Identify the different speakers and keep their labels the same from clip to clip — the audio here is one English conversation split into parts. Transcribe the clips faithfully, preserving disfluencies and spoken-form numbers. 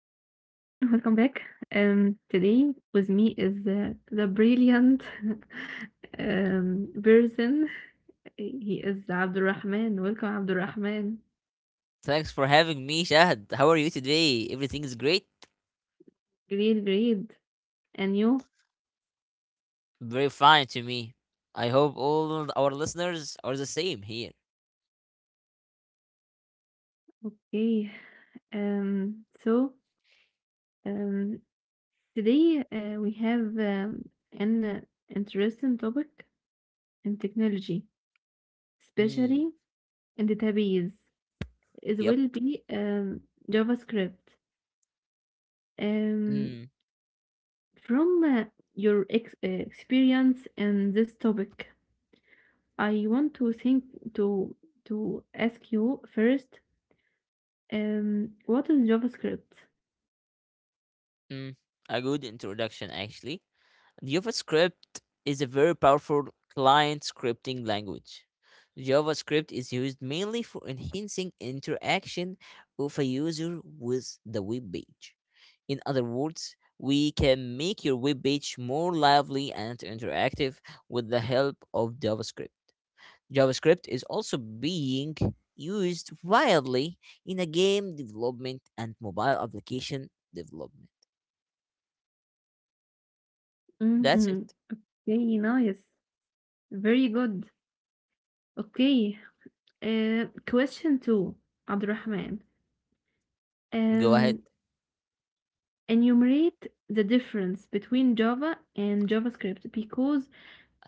Speaker 1: welcome back. Um, today with me is uh, the brilliant um, person. He is Abdurrahman. Welcome, Abdurrahman.
Speaker 2: Thanks for having me, Shahad. How are you today? Everything is great?
Speaker 1: Great, great. And you?
Speaker 2: Very fine to me. I hope all our listeners are the same here.
Speaker 1: Okay. Um, so um, Today uh, we have um, an uh, interesting topic in technology,
Speaker 2: Mm,
Speaker 1: especially in database. It
Speaker 2: yep.
Speaker 1: will be um, JavaScript. Um,
Speaker 2: Mm,
Speaker 1: From uh, your ex uh, experience in this topic, I want to think to to ask you first, um, what is JavaScript?
Speaker 2: mm. A good introduction, actually. JavaScript is a very powerful client scripting language. JavaScript is used mainly for enhancing interaction of a user with the web page. In other words, we can make your web page more lively and interactive with the help of JavaScript. JavaScript is also being used widely in a game development and mobile application development. That's
Speaker 1: Mm-hmm.
Speaker 2: it.
Speaker 1: Very nice, very good. Okay. Uh, question two, Abdurrahman.
Speaker 2: Go ahead.
Speaker 1: Um, Enumerate the difference between Java and JavaScript because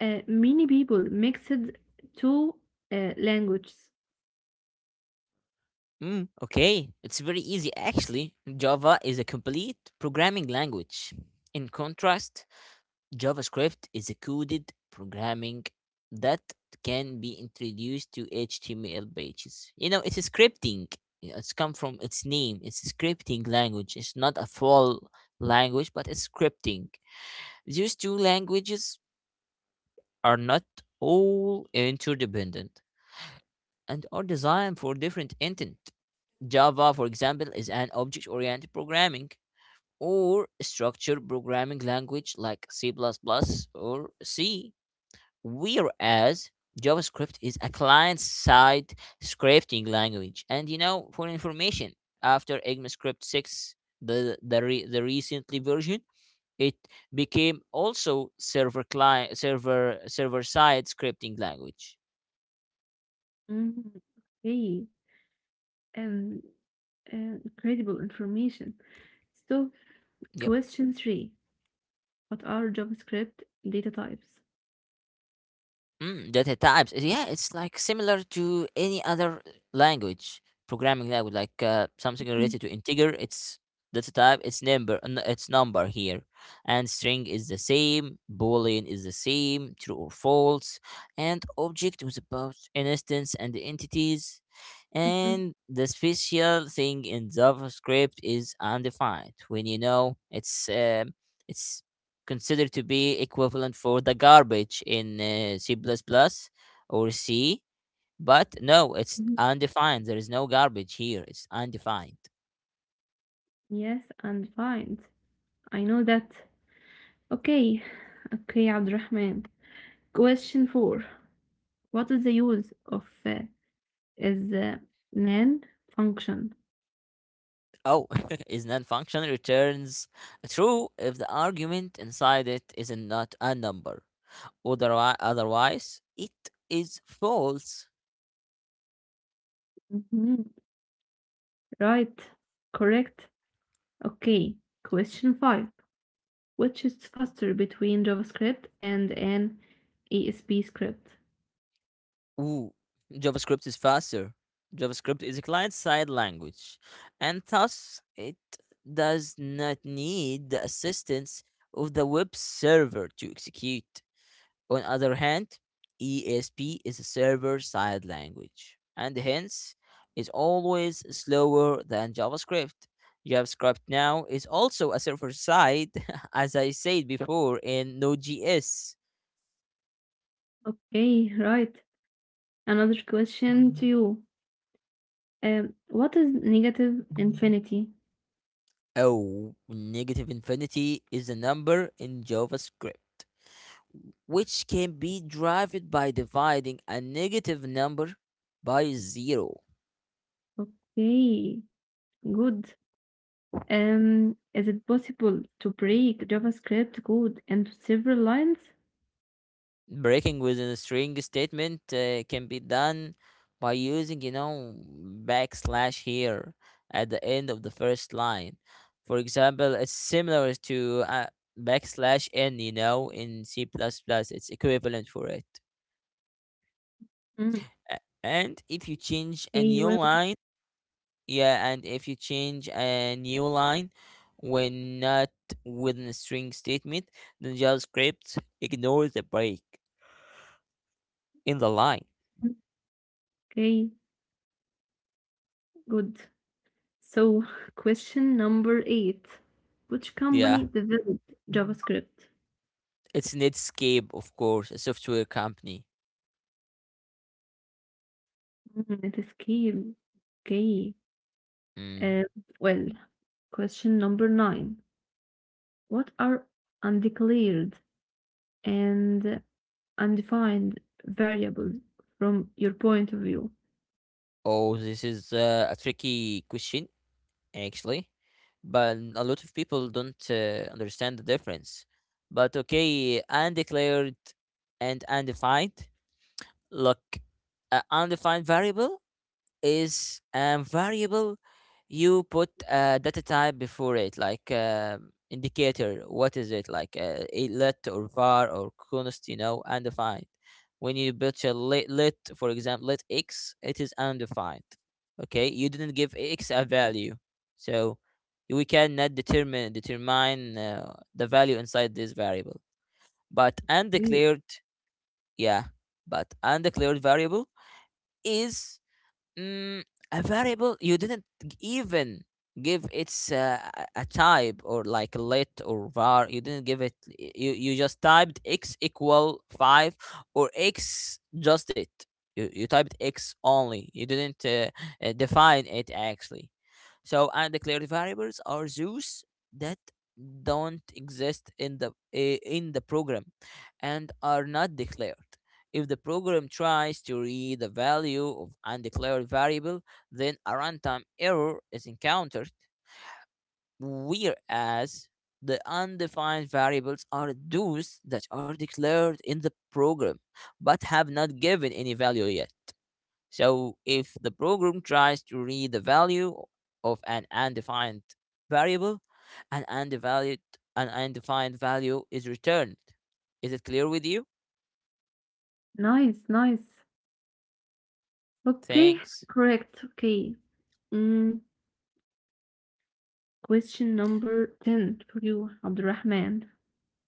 Speaker 1: uh, many people mixed two uh, languages.
Speaker 2: Mm, okay, it's very easy actually. Java is a complete programming language. In contrast, JavaScript is a coded programming that can be introduced to H T M L pages. You know, it's a scripting. Yeah, it's come from its name. It's a scripting language. It's not a full language, but it's scripting. These two languages are not all interdependent and are designed for different intent. Java, for example, is an object oriented programming or structured programming language like C plus plus or C, whereas JavaScript is a client side scripting language. And you know, for information, after ECMAScript six, the, the, re- the recently version, it became also server client server server side scripting language.
Speaker 1: Mhm. Okay. Um, uh, Incredible information. So,
Speaker 2: Yep.
Speaker 1: question three, what are JavaScript data types?
Speaker 2: Mm, data types. eh, Yeah, it's like similar to any other language, programming language, like uh, something related
Speaker 1: Mhm,
Speaker 2: to integer. It's data type. It's number. n- It's number here, and string is the same. Boolean is the same. True or false, and object was about an instance and the entities, and
Speaker 1: mhm,
Speaker 2: the special thing in JavaScript is undefined. When you know it's um it's considered to be equivalent for the garbage in uh, C++ or C, but no, it's
Speaker 1: mhm.
Speaker 2: undefined. There is no garbage here. It's undefined.
Speaker 1: Yes, and find. I know that. Okay, okay, Abdurrahman. Question four, what is the use of uh, is uh, nan function?
Speaker 2: Oh, is non-function returns true if the argument inside it is not a number. Otherwise, otherwise, it is false.
Speaker 1: Mhm. Right, correct. Okay, question five, which is faster between JavaScript and an E S P script?
Speaker 2: Ooh, JavaScript is faster. JavaScript is a client side language, and thus it does not need the assistance of the web server to execute. On other hand, E S P is a server side language, and hence is always slower than JavaScript. JavaScript now is also a server side, as I said Yep. before, in Node.js.
Speaker 1: Okay, right. Another question to you. Um, what is negative infinity?
Speaker 2: Oh, negative infinity is a number in JavaScript, which can be derived by dividing a negative number by zero.
Speaker 1: Okay, good. Um, is it possible to break JavaScript code into several lines?
Speaker 2: Breaking within a string statement uh, can be done by using, you know, backslash here at the end of the first line. For example, it's similar to uh, backslash n, you know, in C++, plus plus. It's equivalent for it.
Speaker 1: Mm,
Speaker 2: A- And if you change a
Speaker 1: okay,
Speaker 2: new
Speaker 1: well,
Speaker 2: line, yeah, and if you change a new line when not within a string statement, then JavaScript ignores the break in the line.
Speaker 1: okay, good. So, question number eight. Which
Speaker 2: Yeah,
Speaker 1: company developed JavaScript?
Speaker 2: it's Netscape, of course, a software company.
Speaker 1: Mm, it is key. Okay.
Speaker 2: Mm.
Speaker 1: Um, well, Question number nine. What are undeclared and undefined variables from your point of view.
Speaker 2: Oh, this is uh, a tricky question, actually, but a lot of people don't uh, understand the difference. But okay, undeclared and undefined. Look, an undefined variable is a variable you put a data type before it, like uh, indicator. What is it like? Uh, a let or var or const, you know, undefined. When you put a let, let, for example, let x, it is undefined. Okay, you didn't give x a value, so we cannot determine determine uh, the value inside this variable. But
Speaker 1: Great.
Speaker 2: undeclared, yeah, but undeclared variable is Mm, a variable you didn't g- even give its uh, a a type or like let or var. You didn't give it. y- You you just typed x equal five or x just it. You you typed x only. You didn't uh, uh, define it actually. So undeclared variables are those that don't exist in the uh, in the program and are not declared. If the program tries to read the value of undeclared variable, then a runtime error is encountered, whereas the undefined variables are those that are declared in the program but have not given any value yet. So if the program tries to read the value of an undefined variable, an undevalued an undefined value is returned. Is it clear with you?
Speaker 1: Nice, nice. Okay,
Speaker 2: Thanks.
Speaker 1: correct. Okay. Mm, Question number ten for you, Abdurrahman.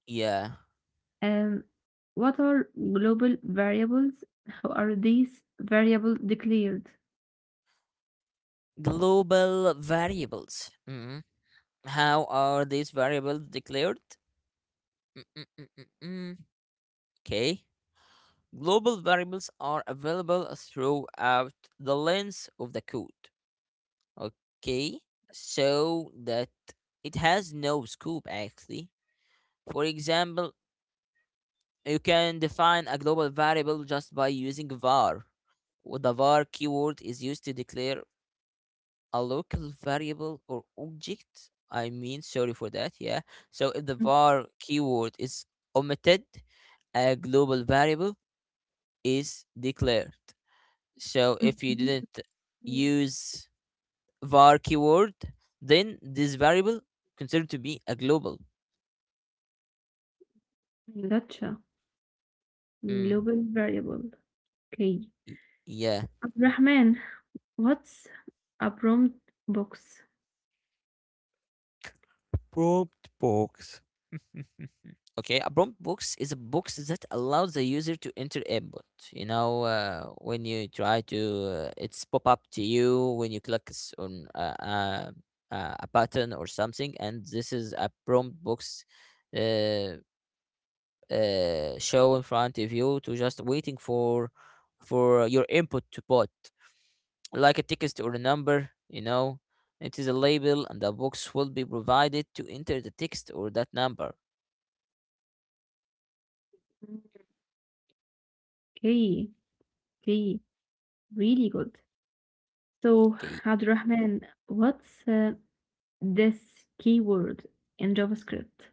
Speaker 2: Yeah.
Speaker 1: Um, what are global variables? How are these variables declared?
Speaker 2: Global variables. Mm. How are these variables declared? Mm-mm-mm-mm-mm. Okay. Global variables are available throughout the length of the code. Okay. So that it has no scope actually. For example, you can define a global variable just by using var. Wh- The var keyword is used to declare a local variable or object. I mean, sorry for that. Yeah. So if the var keyword is omitted, a global variable is declared. So if you didn't use var keyword, then this variable considered to be a global.
Speaker 1: Mhm. Gotcha.
Speaker 2: Mm.
Speaker 1: Global variable. Okay.
Speaker 2: y- Yeah.
Speaker 1: Abdurrahman, what's a prompt box?
Speaker 2: Prompt box. Okay, a prompt box is a box that allows the user to enter input. You know, uh, when you try to, uh, it's pop up to you when you click s- on a, a, a a button or something, and this is a prompt box uh, uh, show in front of you to just waiting for for your input to put, like a text or a number. You know, it is a label, and the box will be provided to enter the text or that number.
Speaker 1: Okay, okay. Really good. So,
Speaker 2: Okay.
Speaker 1: Abdurrahman, what's uh, this keyword in JavaScript?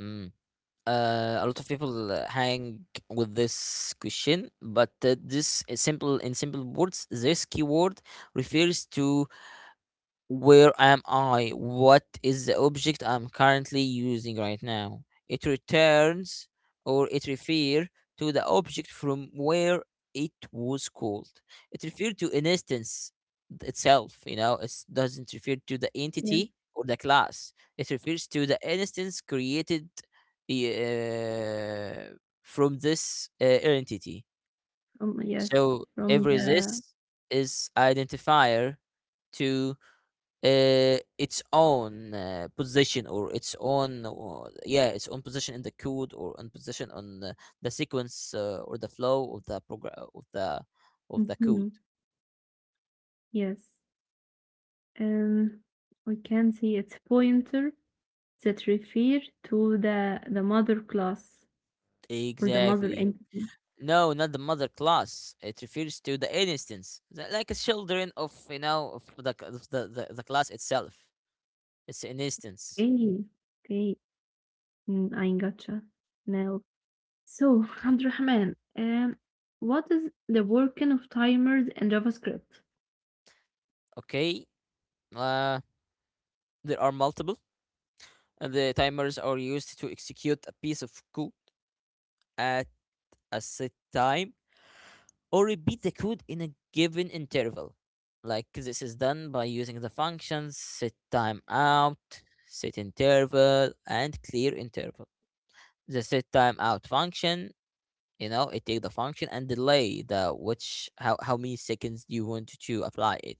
Speaker 2: Hmm. Uh, a lot of people uh, hang with this question but uh, this is simple in simple words this keyword refers to where am I? What is the object I'm currently using right now? It returns or it refers to the object from where it was called. It refers to an instance itself, you know, it doesn't refer to the
Speaker 1: Yeah,
Speaker 2: entity or the class. It refers to the instance created uh, from this uh, entity.
Speaker 1: from, yes,
Speaker 2: So
Speaker 1: from
Speaker 2: every
Speaker 1: the.
Speaker 2: this is identifier to uh, its own uh, position or its own or, yeah its own position in the code or own position on the, the sequence uh, or the flow of the program of the of the code
Speaker 1: Mhm, yes, um, we can see its pointer that refer to the the mother class or the mother
Speaker 2: exactly.
Speaker 1: entity.
Speaker 2: No, not the mother class, it refers to the instance the- like a children of you know of the c- of the, the, the class itself. It's an instance.
Speaker 1: Okay, okay, mm, I gotcha now. So,
Speaker 2: Okay,
Speaker 1: Abdurrahman, um, what is the working of timers in JavaScript?
Speaker 2: okay. Uh, there are multiple and the timers are used to execute a piece of code at a set time or repeat the code in a given interval. Like this is done by using the functions set timeout, set interval, and clear interval. The set timeout function, you know, it take the function and delay the which how, how many seconds you want to apply it.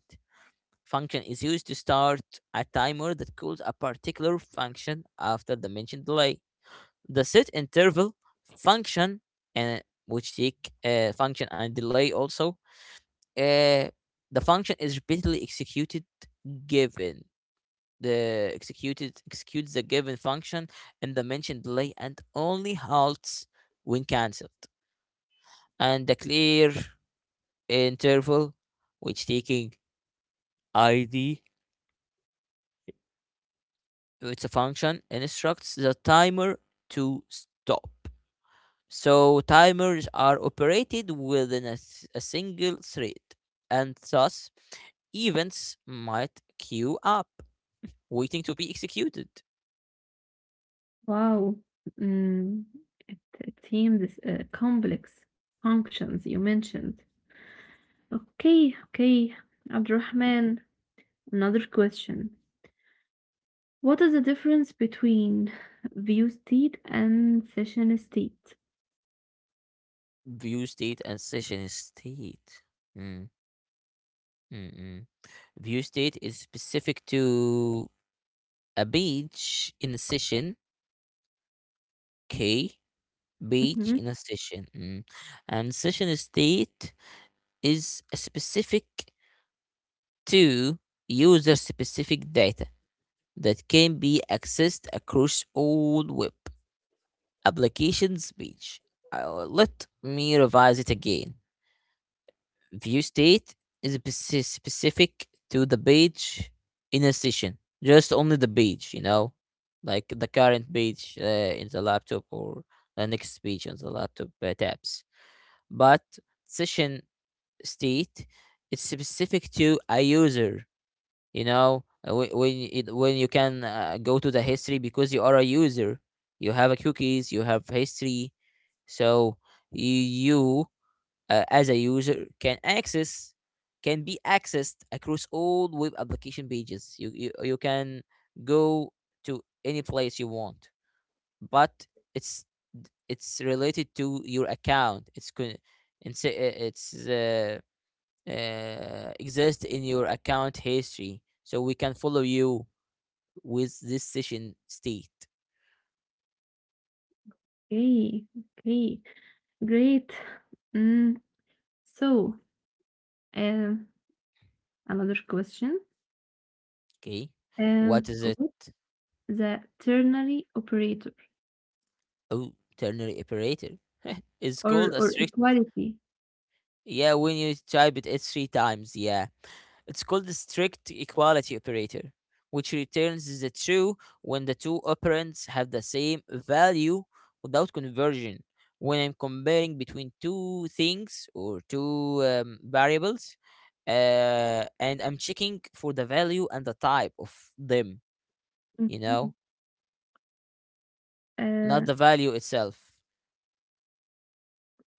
Speaker 2: Function is used to start a timer that calls a particular function after the mentioned delay. The set interval function and which take a uh, function and delay also uh, the function is repeatedly executed given the executed executes the given function in the mentioned delay and only halts when cancelled, and the clear interval which taking id, it's a function instructs the timer to stop. So timers are operated within a a single thread and thus events might queue up waiting to be executed.
Speaker 1: Wow. Mm, it, it seems uh, complex functions you mentioned. Okay, okay. Abdurrahman, another question. What is the difference between view state and session state?
Speaker 2: View state and session state. Mm, mm, mm. View state is specific to a page in a session. Okay, page
Speaker 1: Hmm.
Speaker 2: in a session. Mm. And session state is specific to user specific data that can be accessed across all web applications page. Uh, let me revise it again. View state is speci- specific to the page in a session, just only the page, you know, like the current page uh, in the laptop or the next page on the laptop uh, tabs. But session state is specific to a user, you know, uh, whe- when it, when you can uh, go to the history because you are a user, you have a cookies, you have history, so you uh, as a user can access, can be accessed across all web application pages. You, you you can go to any place you want, but it's it's related to your account. It's con- it's uh, it's uh, uh, exist in your account history, so we can follow you with this session state.
Speaker 1: Okay, okay. Great. Mm, so, um, Another question.
Speaker 2: Okay, what
Speaker 1: Um,
Speaker 2: is it?
Speaker 1: what's the ternary operator
Speaker 2: Oh, ternary operator. It's called
Speaker 1: or,
Speaker 2: a
Speaker 1: or
Speaker 2: strict,
Speaker 1: equality?
Speaker 2: yeah, when you type it, it's three times. Yeah. It's called the strict equality operator, which returns the true when the two operands have the same value without conversion. When I'm comparing between two things or two um, variables, uh, and I'm checking for the value and the type of them, you know,
Speaker 1: Mhm.
Speaker 2: not the value itself.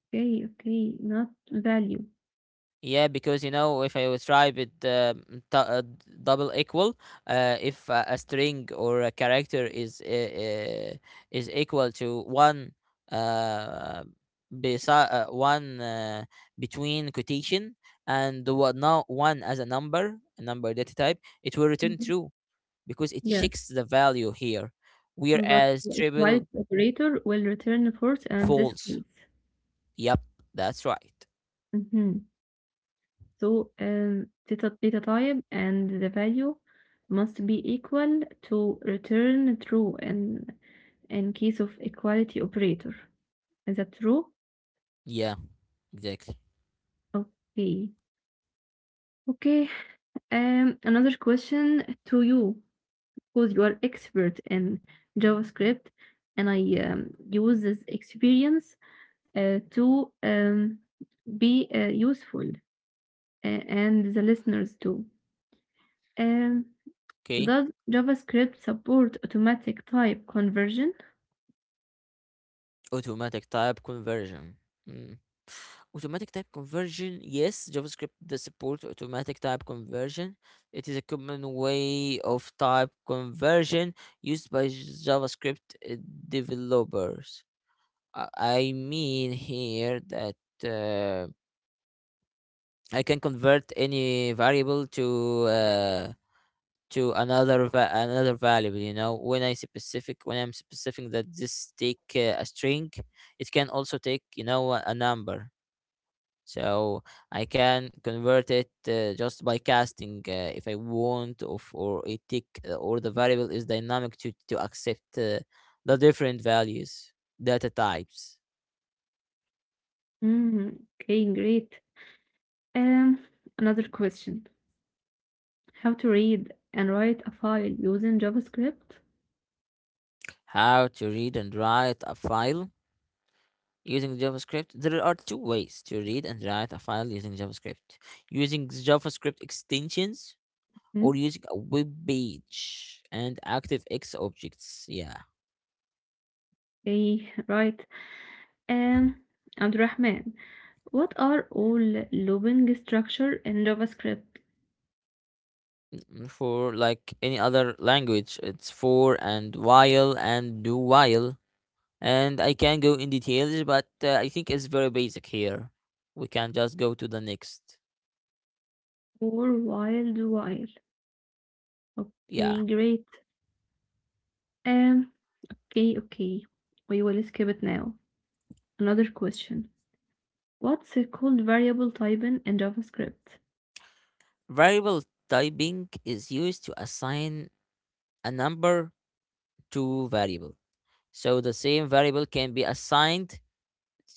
Speaker 1: Okay, okay, not value.
Speaker 2: Yeah, because you know, if I was try with uh, t- uh, d- double equal, uh, if uh, a string or a character is uh, uh, is equal to one uh, beside uh, one uh, between quotation and what now one as a number, a number data type, it will return
Speaker 1: Mhm.
Speaker 2: true because it
Speaker 1: Yes,
Speaker 2: checks the value here,
Speaker 1: but
Speaker 2: whereas
Speaker 1: a quiet
Speaker 2: triple
Speaker 1: operator will return force and this
Speaker 2: false.
Speaker 1: case.
Speaker 2: Yep, that's right.
Speaker 1: Hmm. So, um, theta, theta type and the value must be equal to return true in in case of equality operator. Is that true?
Speaker 2: Yeah, exactly.
Speaker 1: Okay. Okay. Um, another question to you, because you are expert in JavaScript, and I um, use this experience uh, to um, be uh, useful uh, and the listeners too. Um,
Speaker 2: Okay.
Speaker 1: does JavaScript support automatic type conversion?
Speaker 2: Automatic type conversion. Mm. Automatic type conversion, yes, JavaScript does support automatic type conversion. It is a common way of type conversion used by JavaScript uh, developers. I I mean here that uh, I can convert any variable to uh, to another va- another variable. You know, when I specific when I'm specifying that this take uh, a string, it can also take you know a a number, so I can convert it uh, just by casting uh, if I want of or a tick uh, or the variable is dynamic to to accept uh, the different values, data types.
Speaker 1: Mm, okay, great. Um, Another question. How to read and write a file using JavaScript?
Speaker 2: How to read and write a file using JavaScript? There are two ways to read and write a file using JavaScript: using JavaScript extensions
Speaker 1: Mm,
Speaker 2: or using a web page and ActiveX objects. Yeah.
Speaker 1: okay, right. Um, Abdurrahman, what are all looping structure in JavaScript
Speaker 2: Mm, for like any other language, it's for and while and do while. And I can go in details, but uh, I think it's very basic here. We can just go to the next.
Speaker 1: or wild while?
Speaker 2: Yeah.
Speaker 1: Okay, great. Um, Okay, okay. We will skip it now. Another question. What's it called variable typing in JavaScript?
Speaker 2: Variable typing is used to assign a number to variable. So the same variable can be assigned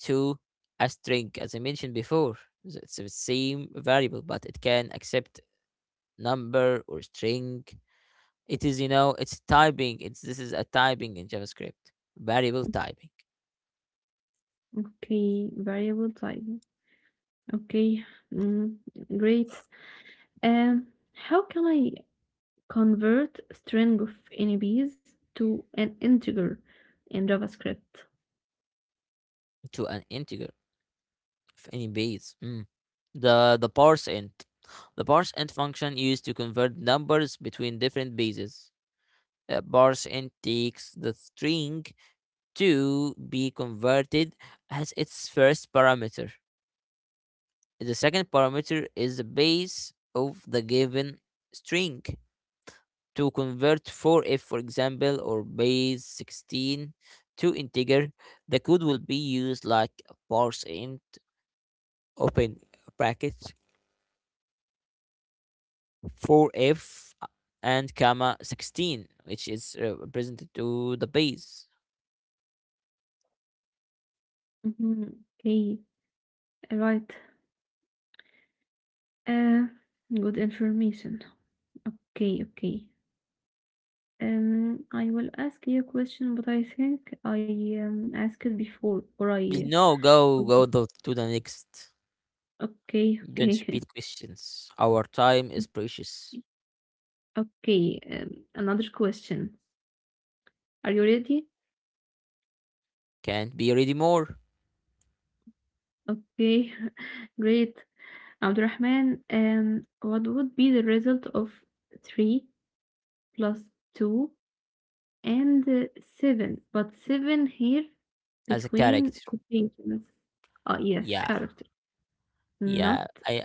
Speaker 2: to a string, as I mentioned before. It's the same variable, but it can accept number or string. It is, you know, it's typing. It's This is a typing in JavaScript, variable typing.
Speaker 1: Okay, variable typing. Okay, mm, great. Um, how can I convert string of N Bs to an integer in JavaScript?
Speaker 2: To an integer of any base. Mm. The the parse int, the parse int function used to convert numbers between different bases. Uh, parse int takes the string to be converted as its first parameter. The second parameter is the base of the given string. To convert four f, for example, or base sixteen to integer, the code will be used like parseInt open brackets four f uh, and comma sixteen, which is uh, presented to the base.
Speaker 1: Mhm. Okay, all right. Uh, Good information. Okay, okay. Um, I will ask you a question, but I think I um, asked it before, or I.
Speaker 2: No, go go tho- to the next.
Speaker 1: Okay,
Speaker 2: Don't
Speaker 1: okay,
Speaker 2: repeat questions. Our time is precious.
Speaker 1: okay. Um, another question. Are you ready?
Speaker 2: Can't be ready more.
Speaker 1: Okay, great. Abdurrahman, um, what would be the result of three plus two and uh, seven? But seven here
Speaker 2: As a
Speaker 1: between
Speaker 2: character.
Speaker 1: quotations. Ah, yes,
Speaker 2: Yeah,
Speaker 1: character,
Speaker 2: yeah.
Speaker 1: not
Speaker 2: I,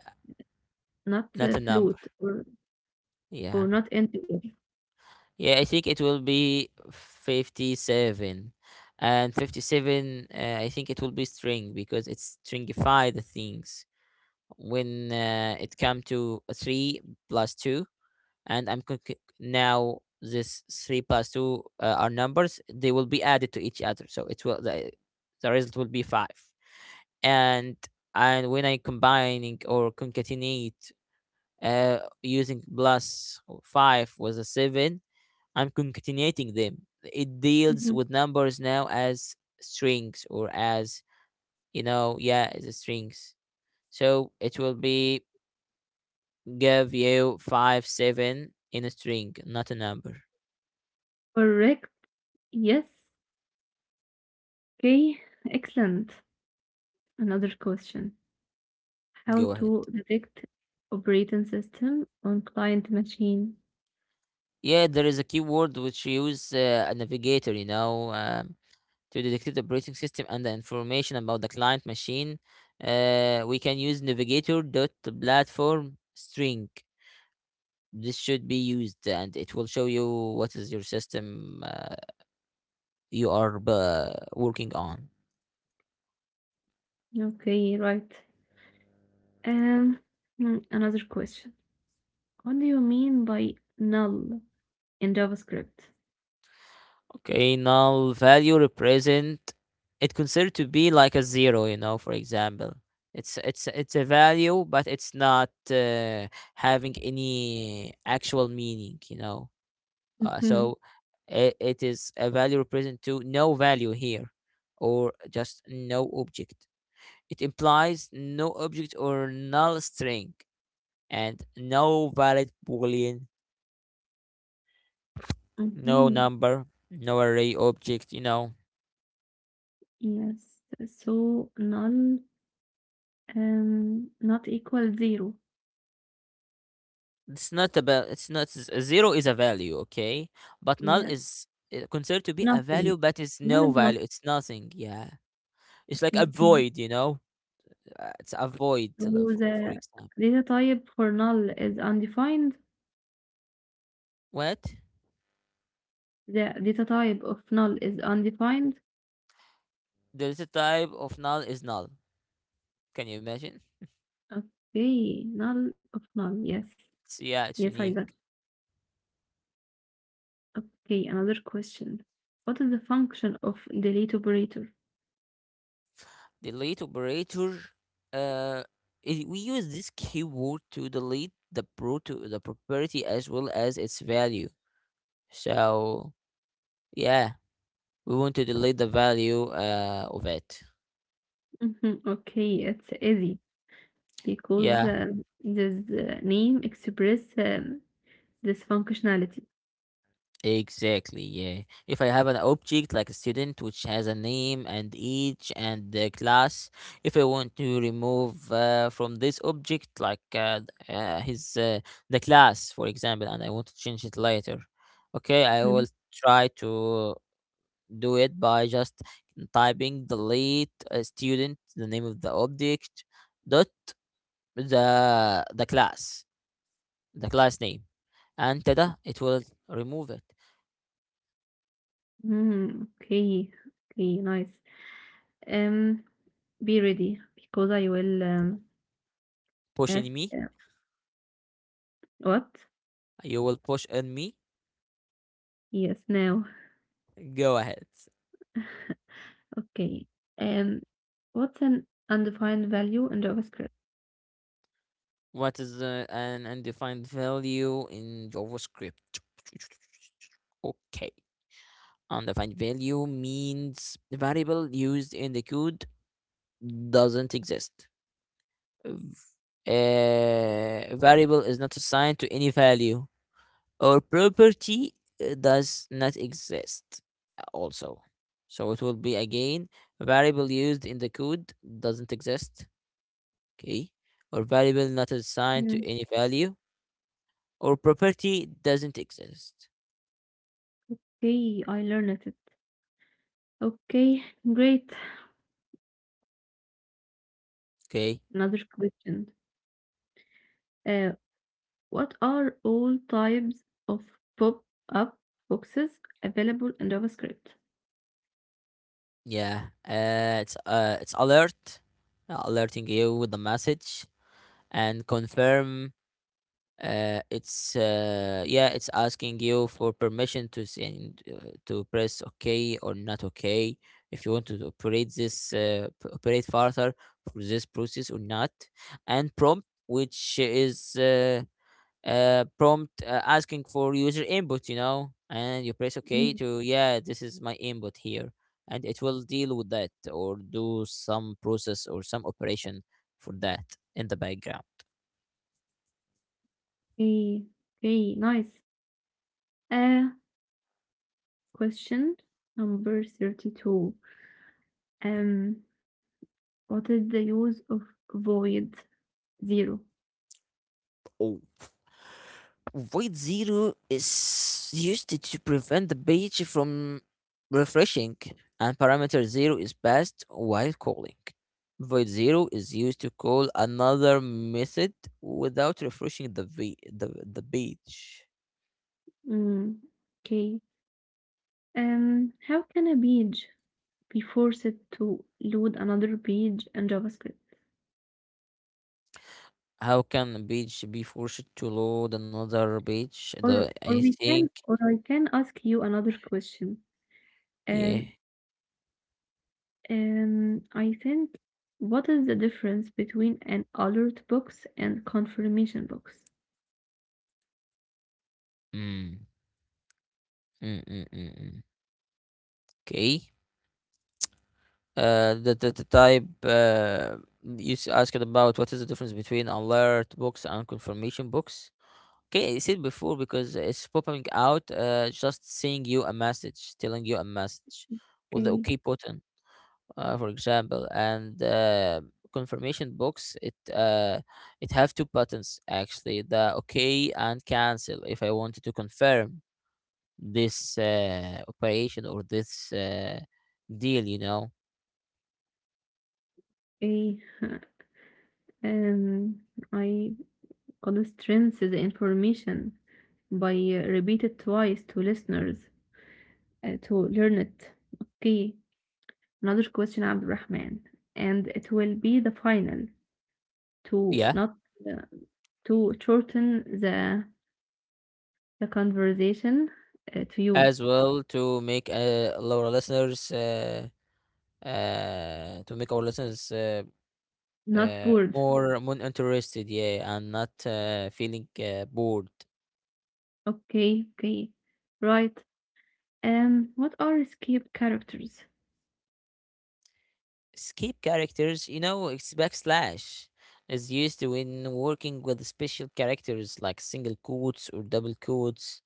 Speaker 1: not
Speaker 2: not
Speaker 1: uh,
Speaker 2: a number.
Speaker 1: float or
Speaker 2: Yeah.
Speaker 1: or not integer.
Speaker 2: Yeah, I think it will be fifty-seven. And fifty-seven, uh, I think it will be string because it's stringify the things when uh, it come to a three plus two. And I'm con- c- now this three plus two uh, are numbers, they will be added to each other. So it will the, the result will be five. and and when I combining or concatenate uh using plus five was a seven, I'm concatenating them. It deals with numbers now as strings or as, you know, yeah, as a strings. So it will be give you five, seven in a string, not a number.
Speaker 1: Correct. Yes. Okay. Excellent. Another question. How
Speaker 2: Go ahead.
Speaker 1: to detect operating system on client machine?
Speaker 2: Yeah, there is a keyword which use uh, a navigator, you know, um, to detect the operating system and the information about the client machine. Uh, we can use navigator dot platform string. This should be used and it will show you what is your system uh, you are uh, working on.
Speaker 1: Okay, right. Um, hmm, Another question. What do you mean by null in JavaScript?
Speaker 2: Okay, null value represent, it considered to be like a zero, you know for example. It's it's it's a value, but it's not uh, having any actual meaning, you know uh,
Speaker 1: Mm-hmm.
Speaker 2: so it, it is a value represent to no value here, or just no object. It implies no object or null string and no valid boolean, no
Speaker 1: Mm-hmm.
Speaker 2: number, no array object, you know
Speaker 1: Yes. So null um not equal zero.
Speaker 2: it's not about, it's not z- zero is a value, okay, but null
Speaker 1: Yeah.
Speaker 2: is uh, considered to be a
Speaker 1: Nothing.
Speaker 2: value, but it's
Speaker 1: Null
Speaker 2: no
Speaker 1: is not.
Speaker 2: value, it's nothing. Yeah, it's like a
Speaker 1: Mm-hmm.
Speaker 2: void, you know Uh, it's a void
Speaker 1: So
Speaker 2: uh, for, for
Speaker 1: the
Speaker 2: example.
Speaker 1: data type for null is undefined.
Speaker 2: What?
Speaker 1: The data type of null is undefined.
Speaker 2: The data type of null is null. Can you imagine?
Speaker 1: Okay, null of null. Yes,
Speaker 2: It's, yeah, it's
Speaker 1: yes, I got. It.
Speaker 2: unique.
Speaker 1: Okay, another question. What is the function of delete operator?
Speaker 2: Delete operator, uh it, we use this keyword to delete the pro to the property as well as its value. So, yeah, we want to delete the value uh of it.
Speaker 1: Mhm. Okay, it's easy because
Speaker 2: Yeah.
Speaker 1: uh, this uh, name express um, this functionality.
Speaker 2: Exactly, yeah. If I have an object like a student which has a name and age and the class, if I want to remove uh, from this object like uh, th- uh, his uh, the class, for example, and I want to change it later, okay, I
Speaker 1: Mhm.
Speaker 2: will try to do it by just typing delete uh, student, the name of the object, dot the the class, the class name, and tada, it will remove it.
Speaker 1: Mhm. Okay. Okay, nice. Um, be ready because I will um, ask
Speaker 2: Pushing me.
Speaker 1: uh, what?
Speaker 2: You will push on me?
Speaker 1: Yes, now.
Speaker 2: Go ahead.
Speaker 1: Okay. Um, what's an undefined value in JavaScript?
Speaker 2: What is the, an undefined value in JavaScript? Okay. Undefined value means the variable used in the code doesn't exist. A variable is not assigned to any value, or property uh, does not exist uh, also. So it will be again, variable used in the code doesn't exist, okay, or variable not assigned to
Speaker 1: Mm.
Speaker 2: any value, or property doesn't exist.
Speaker 1: Okay, I learned it. Okay, great.
Speaker 2: Okay,
Speaker 1: Another question. Uh, what are all types of pop-up boxes available in JavaScript?
Speaker 2: yeah, uh, it's uh, it's alert, uh, alerting you with the message, and confirm. Uh, it's uh, yeah, it's asking you for permission to send uh, to press okay or not okay, if you want to operate this uh, p- operate further for this process or not, and prompt, which is uh, uh, prompt uh, asking for user input, you know, and you press OK
Speaker 1: Mm.
Speaker 2: to, yeah, this is my input here. And it will deal with that or do some process or some operation for that in the background.
Speaker 1: Okay, okay, nice. Uh, Question number thirty-two. Um, what is the use of void zero?
Speaker 2: Oh, void zero is used to prevent the page from refreshing, and parameter zero is passed while calling. Void zero is used to call another method without refreshing the v- the, the page.
Speaker 1: Mm, okay. Um, how can a page be forced to load another page in JavaScript?
Speaker 2: How can a page be forced to load another page? The,
Speaker 1: Or,
Speaker 2: I
Speaker 1: or we
Speaker 2: think,
Speaker 1: can, or I can ask you another question.
Speaker 2: yeah.
Speaker 1: Um, Um, I think what is the difference between an alert box and confirmation box?
Speaker 2: Mm. Mm, mm, mm, mm. Okay. Uh, the, the, the type uh, you s- asked about, what is the difference between alert box and confirmation box? Okay, I said before, because it's popping out, uh, just saying you a message, telling you a message with the
Speaker 1: Okay,
Speaker 2: okay button, uh, for example, and uh, confirmation box, it uh, it have two buttons actually, the okay and cancel, if I wanted to confirm this uh, operation or this uh, deal, you know
Speaker 1: okay. Um, I gonna strength the information by uh, repeat it twice to listeners uh, to learn it. Okay, another question, Abdurrahman, and it will be the final to
Speaker 2: yeah,
Speaker 1: not uh, to shorten the the conversation uh, to you,
Speaker 2: as well, to make uh, our listeners uh, uh, to make our listeners uh,
Speaker 1: not
Speaker 2: uh,
Speaker 1: bored.
Speaker 2: more more interested, yeah, and not uh, feeling uh, bored.
Speaker 1: Okay, okay. Right. Um, what are escape characters?
Speaker 2: Skip characters, you know, it's backslash is used when working with special characters like single quotes or double quotes,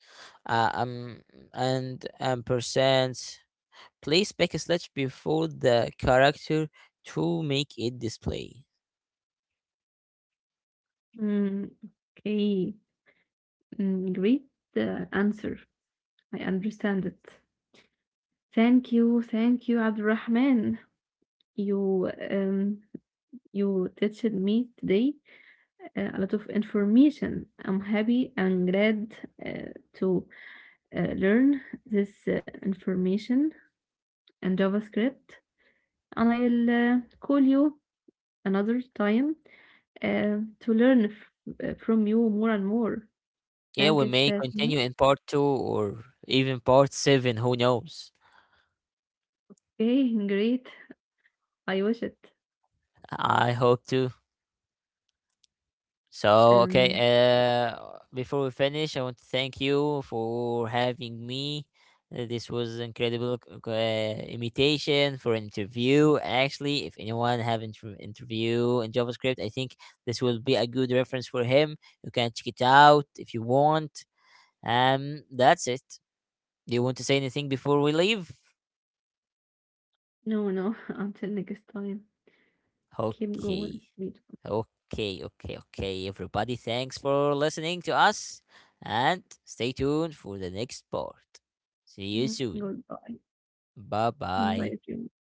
Speaker 2: uh, um, and um, percent. Place backslash before the character to make it display.
Speaker 1: Mm, okay. Mm, great uh, answer. I understand it. Thank you, thank you, Abdurrahman. You um you teached me today uh, a lot of information. I'm happy and glad uh, to uh, learn this uh, information and JavaScript. And I'll uh, call you another time uh, to learn f- uh, from you more and more.
Speaker 2: Yeah,
Speaker 1: Thank
Speaker 2: we
Speaker 1: you
Speaker 2: may
Speaker 1: so so much.
Speaker 2: continue in part two, or even part seven. Who knows?
Speaker 1: Okay, great. I wish it.
Speaker 2: I hope to. So, okay,
Speaker 1: Um,
Speaker 2: uh, before we finish, I want to thank you for having me. Uh, This was incredible c- c- uh, imitation for interview. Actually, if anyone have inter- interview in JavaScript, I think this will be a good reference for him. You can check it out if you want. Um, that's it. Do you want to say anything before we leave?
Speaker 1: no, no. Until next time, keep going.
Speaker 2: Okay.
Speaker 1: Sweet.
Speaker 2: Okay, okay, okay, everybody. Thanks for listening to us and stay tuned for the next part. See you
Speaker 1: Mm-hmm.
Speaker 2: soon.
Speaker 1: Goodbye.
Speaker 2: Bye bye.
Speaker 1: Goodbye, everyone.